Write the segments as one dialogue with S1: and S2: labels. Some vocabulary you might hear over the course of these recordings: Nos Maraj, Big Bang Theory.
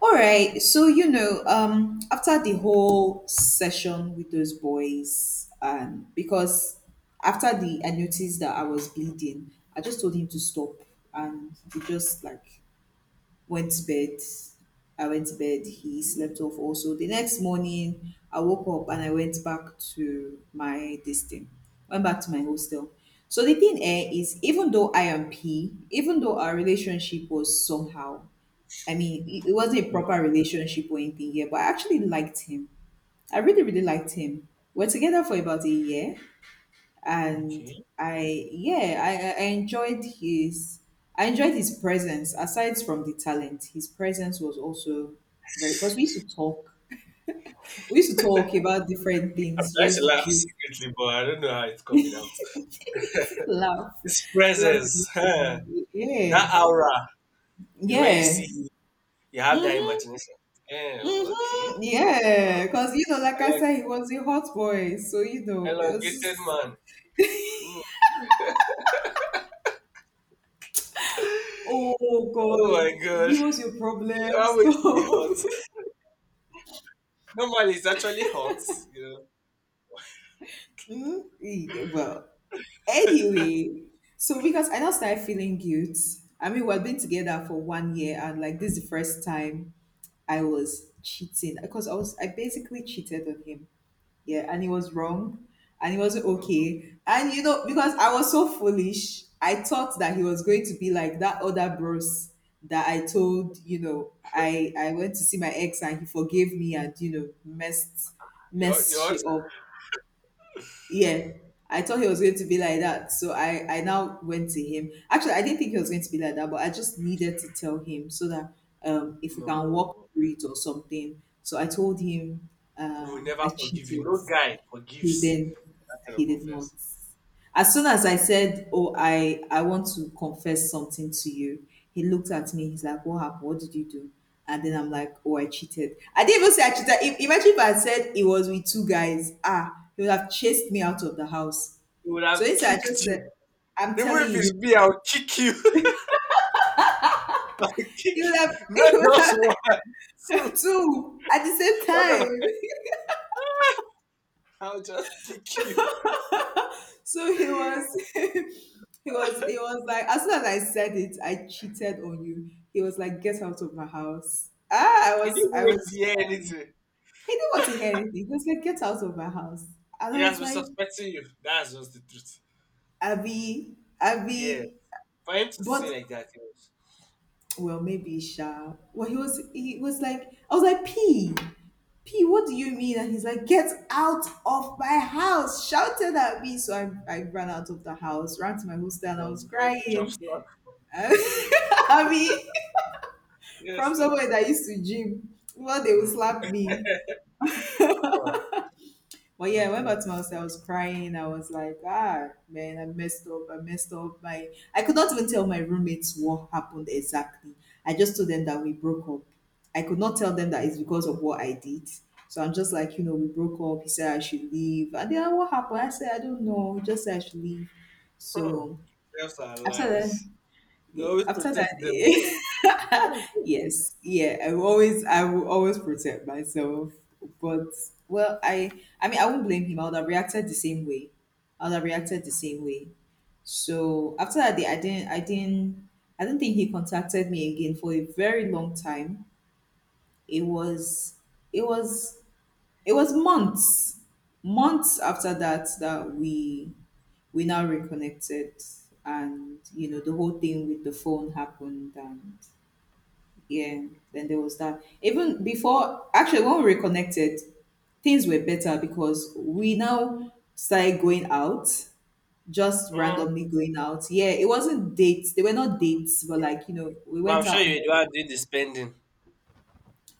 S1: All right. So, after the whole session with those boys, because after the I noticed that I was bleeding, I just told him to stop and he just like went to bed. I went to bed, he slept off also. The next morning I woke up and I went back to my this thing. Went back to my hostel. So the thing eh, is even though I am P, even though our relationship was somehow, I mean, it wasn't a
S2: Yeah,
S1: proper relationship or anything here, but I actually liked him. I really, really liked him. We're together for about a year, and
S2: okay.
S1: I enjoyed his, I enjoyed his presence. Aside from the talent, his presence was also very. Because we used to talk, we used to talk about different
S2: I'm
S1: things,
S2: trying to
S1: just
S2: laugh
S1: gist,
S2: secretly, but I don't know how it's coming out.
S1: laugh,
S2: His
S1: laugh, laugh,
S2: presence,
S1: laugh.
S2: huh?
S1: Yeah,
S2: That aura, you know, when you see,
S1: yeah.
S2: him, you have that
S1: Hmm.
S2: imagination. Eh, okay.
S1: Mm-hmm.
S2: Mm,
S1: Yeah, because like I
S2: elong-
S1: said, he was a hot boy, so it was
S2: elongated
S1: just,
S2: man. Mm.
S1: oh
S2: Oh
S1: god,
S2: my god.
S1: he was your problem,
S2: I'm going to be
S1: stop.
S2: hot. Normally, it's actually hot, you know.
S1: Mm, yeah, well, anyway, so because I now started feeling guilt. I mean, we've been together for 1 year, and like this is the first time I was cheating, because I basically cheated on him. Yeah, and it was wrong. And it wasn't
S2: Mhm.
S1: okay. And because I was so foolish, I thought that he was going to be like that other bros that I told, I went to see my ex and he forgave me and messed
S2: You're
S1: messed
S2: hot.
S1: shit up. Yeah. I thought he was going to be like that. So I now went to him. Actually I didn't think he was going to be like that, but I just needed to tell him so that if we
S2: No,
S1: can walk through it or something. So I told him,
S2: I will never
S1: I
S2: forgive you.
S1: cheated.
S2: No guy
S1: He
S2: forgives
S1: then,
S2: that kind
S1: he
S2: of
S1: did not,
S2: offense.
S1: as soon as I said, oh, I want to confess something to you, he looked at me. He's like, what happened? What did you do? And then I'm like, oh, I cheated. I didn't even say I cheated. If, Imagine if I had said it was with two guys, ah, he would have chased me out of the house.
S2: He would
S1: So
S2: have
S1: instead I
S2: kicked
S1: just
S2: you.
S1: said, I'm
S2: Even
S1: telling
S2: if
S1: you,
S2: it's me, I'll kick you. I'll
S1: he
S2: kick
S1: would
S2: you.
S1: have he
S2: Not
S1: would
S2: just
S1: have
S2: one. Two.
S1: two at the same
S2: What
S1: time.
S2: the I'll just kick you.
S1: So he
S2: You
S1: was, he was like, as soon as I said it, I cheated on you. He was like, get out of my house. Ah, I
S2: didn't
S1: was,
S2: even
S1: I
S2: wait to
S1: was.
S2: hear
S1: Um,
S2: anything.
S1: he didn't want to hear anything. He was like, get out of my house, and
S2: He
S1: I was
S2: has been
S1: like,
S2: suspecting you. That's just the truth.
S1: Abby,
S2: Yeah.
S1: Abby,
S2: For him to
S1: but,
S2: say like that, it was,
S1: well, maybe Sha. Well, he was like, I was like, P, P, what do you mean? And he's like, get out of my house, shouted at me. So I ran out of the house, ran to my hostel, and I was
S2: for him to chop
S1: crying.
S2: slap.
S1: I mean, from
S2: Yes, sir.
S1: somewhere that used to gym, well, they would
S2: Mm,
S1: slap me.
S2: sir.
S1: But yeah, I went back
S2: Mm-hmm.
S1: to my house. I was crying. I was like, ah, man, I messed up. I messed up. I could not even tell my roommates what happened exactly. I just told them that we broke up. I could not tell them that it's because of what I did. So I'm just like, we broke up. He said I should leave. And then what happened? I said, I don't know. He just said I should leave.
S2: Hmm.
S1: So
S2: Thieves are
S1: after that,
S2: lies. They
S1: yeah
S2: always
S1: after
S2: protect
S1: that
S2: themselves.
S1: eh,
S2: Thank you.
S1: yes, yeah, I will always protect myself. But, well, I mean, I won't blame him. I would have reacted the same way. I would have reacted the same way. So after that day, I don't think he contacted me again for a very long time. it was it was it was months, months after that, that we now reconnected. And you know the whole thing with the phone happened. And yeah, then there was that, even before, actually, when we reconnected, things were better because we now started going out, just
S2: Mm.
S1: randomly going out. Yeah, it wasn't dates, they were not dates, but like, we
S2: But I'm
S1: went
S2: sure
S1: out
S2: you
S1: more.
S2: you are doing the spending.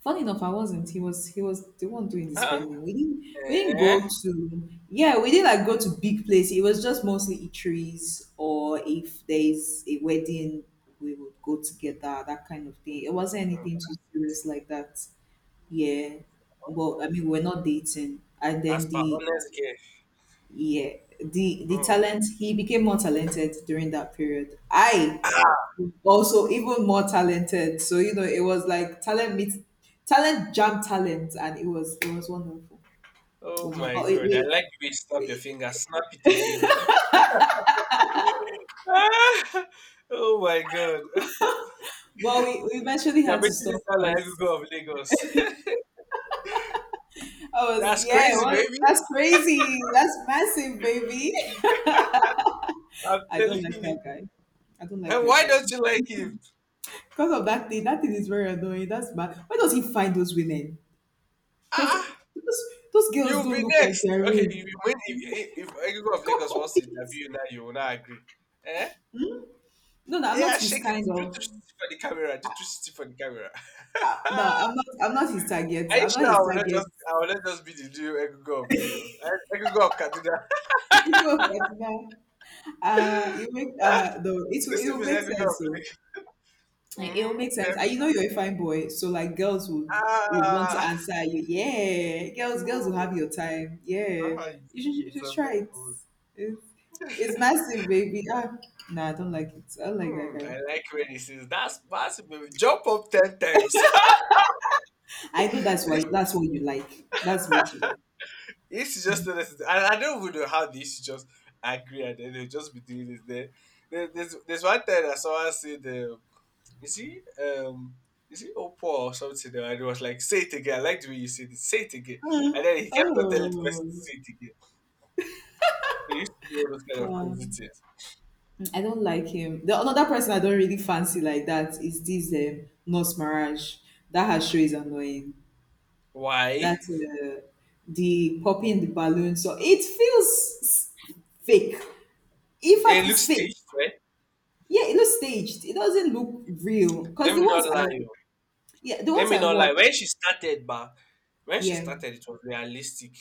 S1: Funny enough, I wasn't, he was the one doing the
S2: Huh?
S1: spending.
S2: Eh?
S1: We didn't like go to big places. It was just mostly eateries, or if there's a wedding we would go together, that kind of thing. It wasn't anything too serious like that. Yeah, but I mean, we're not dating. And
S2: As
S1: then
S2: per
S1: the
S2: honest girl.
S1: yeah, the
S2: Hmm.
S1: talent, he became more talented during that period. I also, even more talented. So it was like talent meets talent jam talent, and it was wonderful. It
S2: Oh
S1: was wonderful.
S2: my
S1: But
S2: god. I
S1: we
S2: like the way you snap your finger. Snap it again. Ah, oh my god.
S1: well, we eventually
S2: You're
S1: had to
S2: making me
S1: stop
S2: sound like
S1: because
S2: Egungun of Lagos.
S1: I was
S2: That's
S1: yeah,
S2: crazy,
S1: well,
S2: baby.
S1: that's crazy. That's massive, baby.
S2: I'm
S1: I don't
S2: telling
S1: like that
S2: you.
S1: guy. I don't like
S2: And
S1: that
S2: why
S1: guy.
S2: don't you like him?
S1: Because of that thing is very annoying. That's bad. Where does he find those women? Because
S2: Ah,
S1: those girls
S2: you'll
S1: don't
S2: be
S1: look like
S2: next.
S1: they're
S2: Okay, if
S1: real.
S2: you win, if, Egungun of
S1: God
S2: Lagos wants
S1: forbid.
S2: to interview you now, you will not agree. Eh?
S1: No, no, I'm not
S2: Yeah,
S1: his
S2: shake it.
S1: kind
S2: Do
S1: of.
S2: 360 for the camera. Do 360 for the camera.
S1: No, I'm not. I'm not his target.
S2: Are you
S1: I'm not
S2: sure I
S1: his
S2: will not
S1: target.
S2: just be the new Egungo of Lagos? Eh, Egungo of Kaduna.
S1: No, but now, you make, no. It will.
S2: This
S1: It will
S2: is
S1: make
S2: Egungo
S1: sense.
S2: of
S1: So
S2: Lagos.
S1: it will
S2: Mm-hmm.
S1: make
S2: Then,
S1: sense. And you know you're a fine boy, so like girls would want to
S2: ah,
S1: answer you. Yeah, girls, girls will have
S2: mm,
S1: your time. Yeah,
S2: that's how
S1: you
S2: it's a
S1: should try
S2: very
S1: it.
S2: cool.
S1: It's, it's massive, baby. Ah, nah, I don't like it. I don't like that
S2: Mm,
S1: guy.
S2: I like when he says that's possible. Jump up 10 times.
S1: I know that's why.
S2: This
S1: That's what you like. That's what you like.
S2: this is just not necessary. And I don't even know how they should just agree and then they'll just be doing this. Then there's one time that someone said is he is he Opo or something? And he was like, say it again. I like the way you said it. Say it again.
S1: Ah,
S2: And then he kept on telling the person to
S1: oh,
S2: say it again. He used to do all those kind of
S1: yeah.
S2: crazy things.
S1: I don't like him. The another person I don't really fancy like that is this, Nos Maraj. That her show is annoying. That,
S2: Why?
S1: the poppy in the balloon. So it feels fake. In fact,
S2: It
S1: it's
S2: looks
S1: fake.
S2: staged, right?
S1: Yeah, it looks staged. It doesn't look real. Cause
S2: Let me not lie. Oh.
S1: the
S2: Let
S1: ones
S2: me
S1: I
S2: not lie.
S1: watch,
S2: When she started, but when she
S1: yeah,
S2: started, it was realistic.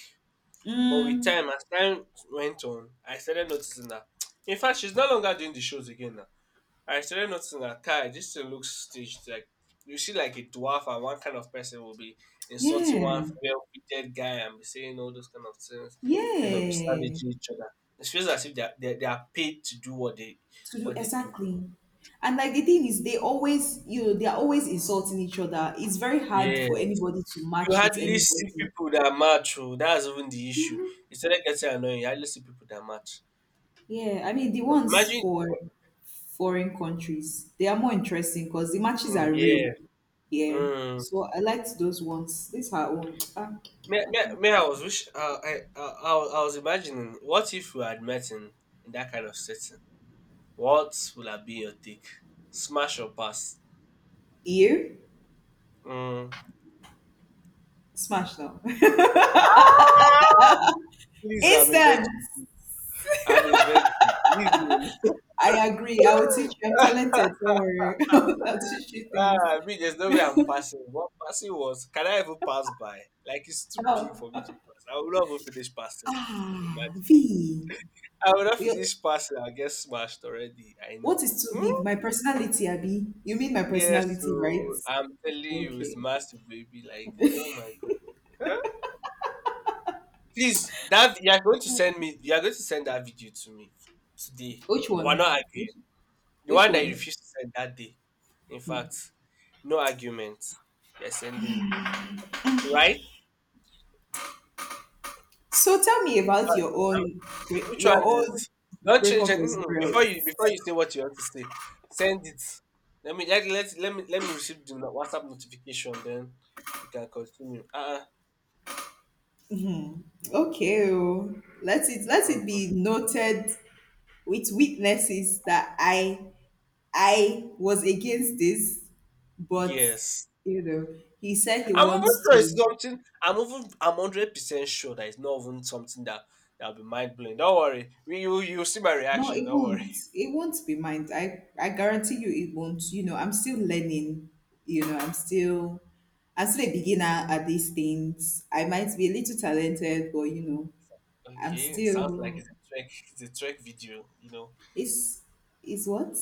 S2: But with
S1: mm,
S2: time, as time went on, I started noticing that. In fact, she's no longer doing the shows again now. I started noticing that Kai, this thing looks staged. Like you see, like a dwarf, and one kind of person will be insulting
S1: yeah,
S2: one well-fitted guy and be saying all those kind of things. Then they'll be
S1: yeah,
S2: savaging each other. It feels as if they are paid to do
S1: to do
S2: what they do.
S1: exactly. And like the thing is, they always, they are always insulting each other. It's very hard
S2: Yeah,
S1: for anybody to
S2: you
S1: match with
S2: hardly see
S1: anybody.
S2: people that match. Oh, that's even the issue. Instead of getting annoying, you hardly see people that match.
S1: Yeah, I mean the ones
S2: Imagine,
S1: for foreign countries, they are more interesting because the matches
S2: mm,
S1: are real.
S2: yeah,
S1: Yeah.
S2: mm.
S1: So I liked those ones. These are own. Ah, I don't know.
S2: I was wish I was imagining what if we had met in that kind of setting? What would have been your take? Smash or pass?
S1: You
S2: Mm.
S1: smash now.
S2: Ah, please, I'm a
S1: Instant.
S2: virgin. I'm a virgin. Leave me alone.
S1: I agree. I will teach you. I'm talented. Don't worry. I'll teach you things.
S2: Ah, I mean, there's no way I'm passing. What passing was? Can I even pass by? Like it's too big
S1: How?
S2: for me to pass. I will not even finish passing.
S1: Ah,
S2: Imagine.
S1: V.
S2: I will not
S1: Well,
S2: finish passing. I will get smashed already. I
S1: what
S2: know.
S1: is too big?
S2: Hmm?
S1: My personality, Abby. You mean my
S2: Yeah,
S1: personality, right?
S2: so I'm telling you, it's
S1: Okay.
S2: massive, baby. Like, oh my god. Huh? Please, that you're going to send me, you're going to send that video to me today.
S1: Which
S2: We're
S1: one?
S2: not
S1: Which,
S2: arguing. The
S1: which
S2: one that you
S1: one?
S2: refused to send that day. In fact, no argument. You're sending it. Right?
S1: So tell me about your
S2: I'm,
S1: own
S2: which
S1: your
S2: one
S1: own
S2: is don't change
S1: breakup
S2: it. Mm-mm.
S1: experience.
S2: Before you say what you want to say. Send it. Let me let, let, let me receive the WhatsApp notification, then we can continue.
S1: Okay, oh, let it
S2: Uh.
S1: be noted with witnesses that I was against this, but
S2: Yes.
S1: you know he said he
S2: I'm even
S1: wants
S2: sure it's
S1: to...
S2: something. I'm even. I'm 100% sure that it's not even something that that'll be mind blowing. Don't worry. You you see my
S1: No,
S2: reaction.
S1: it
S2: Don't worry.
S1: won't. It won't be mine. I guarantee you it won't. You know, I'm still learning. You know, I'm still a beginner at these things. I might be a little talented, but I'm
S2: Okay. Sounds like
S1: still
S2: it's a Trek. It's a Trek video. You know.
S1: it's it's what?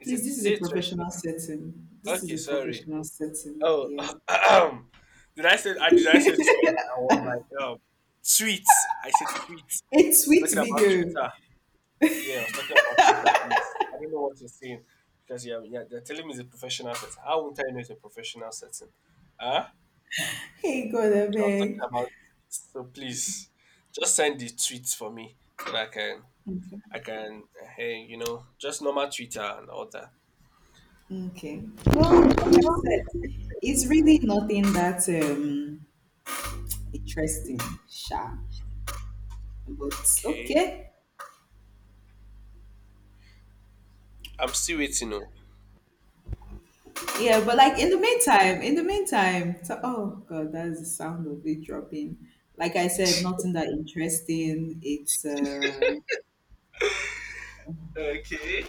S2: It's a.
S1: Please, this is
S2: Is
S1: a
S2: it a Trek video?
S1: professional setting. This is
S2: Okay.
S1: a
S2: Sorry.
S1: professional setting.
S2: Oh.
S1: Yeah.
S2: Did I say Trek? I was like tweets. I said tweets.
S1: A
S2: I was
S1: sweet
S2: talking about
S1: video.
S2: Twitter. Yeah. I was talking about Twitter. Please. I don't know what you're saying because yeah, yeah. They're telling me it's a professional setting. How won't I know it's a professional setting? Huh?
S1: Hey God, I
S2: I was talking
S1: beg.
S2: about tweets, so please just send the tweets for me so that
S1: Okay.
S2: I can hey you know just normal Twitter and all that.
S1: Okay. Well, like I said, it's really nothing that interesting, sha, but
S2: Okay,
S1: okay.
S2: I'm still waiting. Oh.
S1: Yeah, but like, in the meantime, so, oh god, that's the sound of it dropping. Like I said, nothing that interesting. It's
S2: Okay,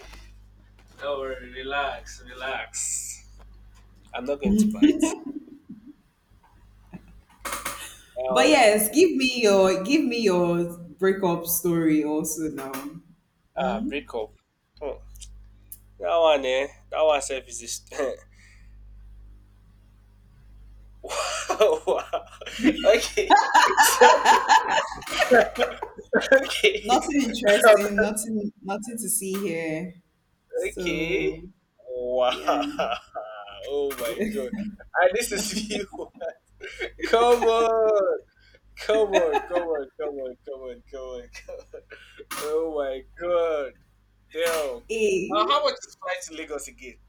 S2: don't worry, relax, relax. I'm not going to bite.
S1: But
S2: Um,
S1: yes, give me your breakup story also now.
S2: ah, break up. Hmm. That one, eh? That one self is just wow. Okay, sorry. Okay,
S1: Nothing interesting, nothing to see here. So
S2: okay. Wow.
S1: yeah,
S2: Oh my god. And this is you. Come on. Come on. Come on. Come on. Come on. Come on. Come on. Oh my god. Damn.
S1: a
S2: How much is flight to Lagos again?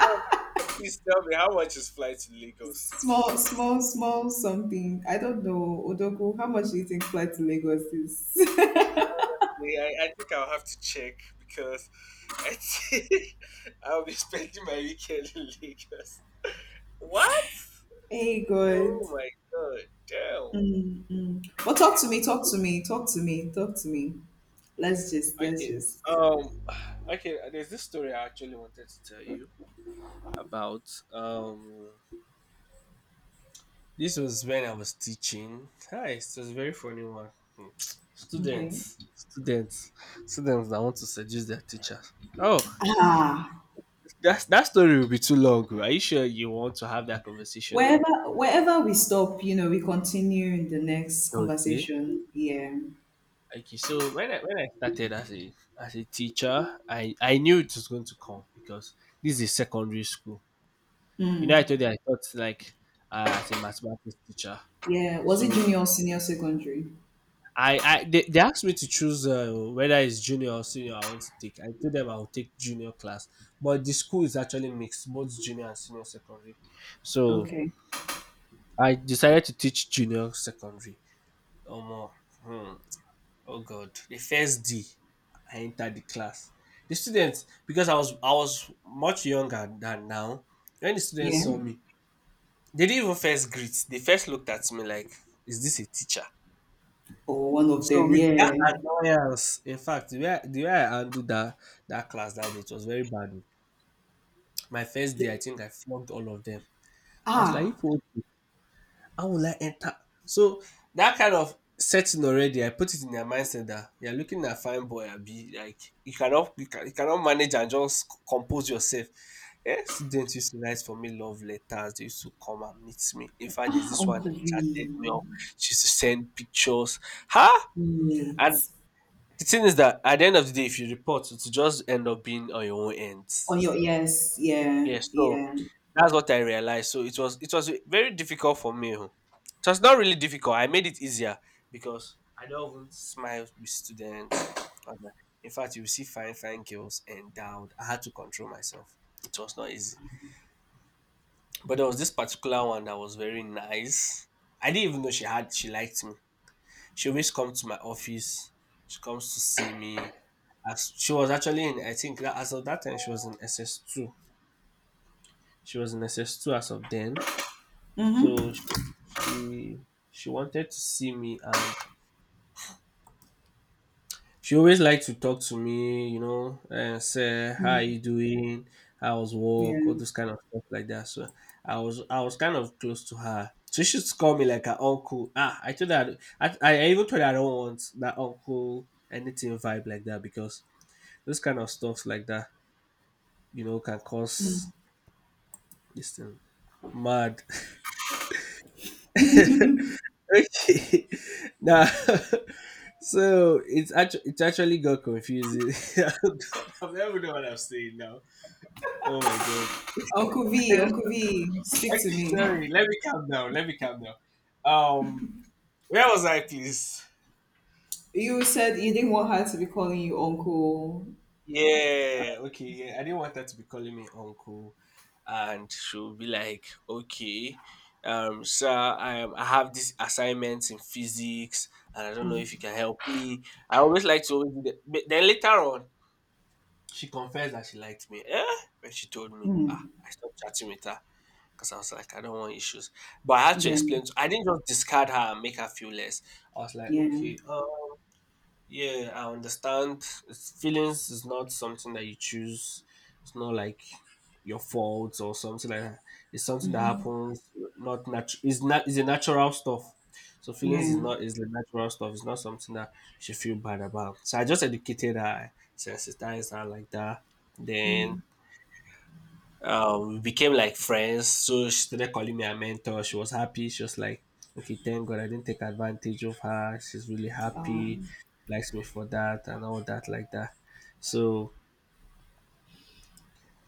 S2: No, please tell me how much is flight to Lagos?
S1: small,
S2: Please.
S1: small, small something. I don't know, odoku, how much do you think flight to Lagos is?
S2: Yeah, I think I'll have to check because I think I'll be spending my weekend in Lagos. What?
S1: Hey, good.
S2: Oh my god. Damn.
S1: Mm. Well, talk to
S2: Okay.
S1: me, talk to me, talk to me, talk to me. Let's just, let's
S2: Okay.
S1: just.
S2: Um. Okay. There's this story I actually wanted to tell you about. Um. This was when I was teaching. Hi. It was a very funny one. Hmm.
S1: Okay.
S2: Students, students, students that want to seduce their teacher. Oh,
S1: Ah,
S2: that's that story will be too long. Oh. Are you sure you want to have that conversation now?
S1: wherever we stop, we continue in the next
S2: Okay.
S1: conversation. Yeah.
S2: Okay. So when I started as a teacher, I knew it was going to come because this is secondary school. You know, I
S1: Mm.
S2: told you I taught like as a mathematics teacher.
S1: Yeah. Was it
S2: So
S1: junior or senior secondary?
S2: I they asked me to choose whether it's junior or senior I want to take. I told them I will take junior class, but the school is actually mixed, both junior and senior secondary. So
S1: Okay.
S2: I decided to teach junior secondary. Oh more. Hmm. Oh God! The first day I entered the class, the students because I was much younger than now. When the students
S1: Yeah.
S2: saw me, they didn't even first greet. They first looked at me like, "Is this a teacher?"
S1: Or one of
S2: So
S1: them.
S2: with that
S1: Yeah.
S2: annoyance, in fact, the way I handled that that class that day, it was very bad. Oh. My first day, I think I flogged all of them. I was like,
S1: Ah,
S2: "If how will I enter? So that kind of setting already, I put it in their mindset that you're looking at fine boy, be like you cannot you cannot manage and just compose yourself. Eh, students used to write for me love letters. They used to come and meet me. In fact, there's this one
S1: Uncle
S2: that chatted me up.
S1: V.
S2: She used to send pictures. Huh? And
S1: Mate.
S2: the thing is that at the end of the day, if you report, it's just end up being on your own
S1: On
S2: ends.
S1: your yes. Yeah.
S2: Yes. So
S1: Yeah.
S2: that's what I realized. So it was very difficult for me. Oh. It was not really difficult. I made it easier because I don't even smile with students. And, in fact, you see fine, fine girls endowed. I had to control myself. It was not easy. But there was this particular one that was very nice. I didn't even know she liked me. She always comes to my office. She comes to see me. As she was actually in, I think that as of that time she was in SS two. She was in SS two as of then. So
S1: Mm-hmm.
S2: she she wanted to see me, and she always liked to talk to me, you know, and say how are
S1: Mm.
S2: you doing, how's
S1: Yeah.
S2: work, all those kind of stuff like that. So I was kind of close to her. So she used to call me like her uncle. Ah, I told her I even told her I don't want that uncle anything vibe like that because those kind of stuff like that, you know, can cause this thing mad. Okay. Now, so it actually got confusing. I have never know what I'm saying now. Oh my god.
S1: Uncle V,
S2: Okay,
S1: Uncle V, speak to me.
S2: sorry. Let me calm down. Let me calm down. Um, where was I, please?
S1: You said you didn't want her to be calling you Uncle.
S2: Yeah. Okay. Yeah. I didn't want her to be calling me uncle, and she'll be like, "Okay, sir, I am. I have these assignments in physics, and I don't know if you can help me." I always like to always do that. But then later on, she confessed that she liked me. Eh? When she told me, ah,
S1: Mm.
S2: I stopped chatting with her because I was like, I don't want issues. But I had to
S1: Yeah,
S2: explain. I didn't just discard her and make her feel less. I was like,
S1: yeah,
S2: okay, yeah, I understand. It's, feelings is not something that you choose. It's not like your fault or something like that. It's something that
S1: mm-hmm.
S2: happens. Not natural. It's not. It's a natural stuff. So feelings
S1: Yeah,
S2: is not is the natural stuff. It's not something that you should feel bad about. So I just educated her, sensitized her like that. Then
S1: mm.
S2: we became like friends. So she started calling me a mentor. She was happy. She was like, okay, thank God I didn't take advantage of her. She's really happy.
S1: um,
S2: Likes me for that and all that like that. So,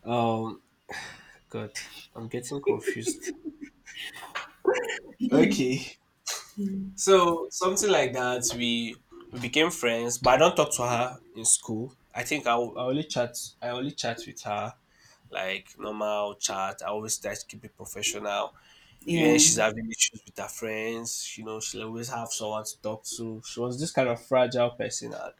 S2: um, God, I'm getting confused. Okay. So something like that. We became friends, but I don't talk to her in school. I think I only chat. I only chat with her like normal chat. I always try to keep it professional. When
S1: yeah.
S2: she's having issues with her friends. You know, she'll always have someone to talk to. She was this kind of fragile person. And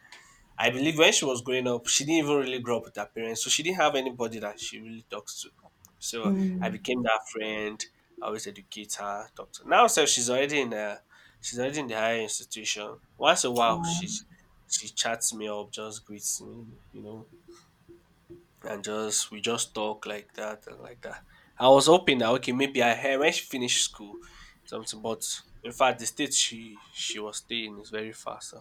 S2: I believe when she was growing up, she didn't even really grow up with her parents. So she didn't have anybody that she really talks to. So I
S1: Mm.
S2: became that friend. I always educate her, talk to her. Now, so she's already in the higher institution. Once a while,
S1: Um,
S2: she's, she chats me up, just greets me, you know, and just we just talk like that and like that. I was hoping that okay maybe I heard when she finished school something, but in fact the state she was staying is very far. So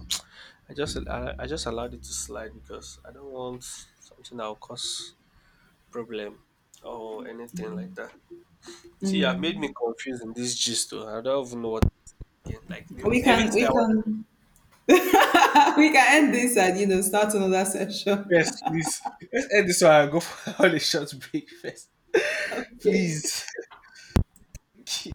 S2: I just allowed it to slide because I don't want something that will cause problem or anything like that. See, I've made me
S1: mm.
S2: confused in this gist though. I don't even know what like the,
S1: We can,
S2: everything
S1: we
S2: I want.
S1: can, we can end this and start another session.
S2: Yes, please. Let's end this one and go for a short break first.
S1: Okay.
S2: please.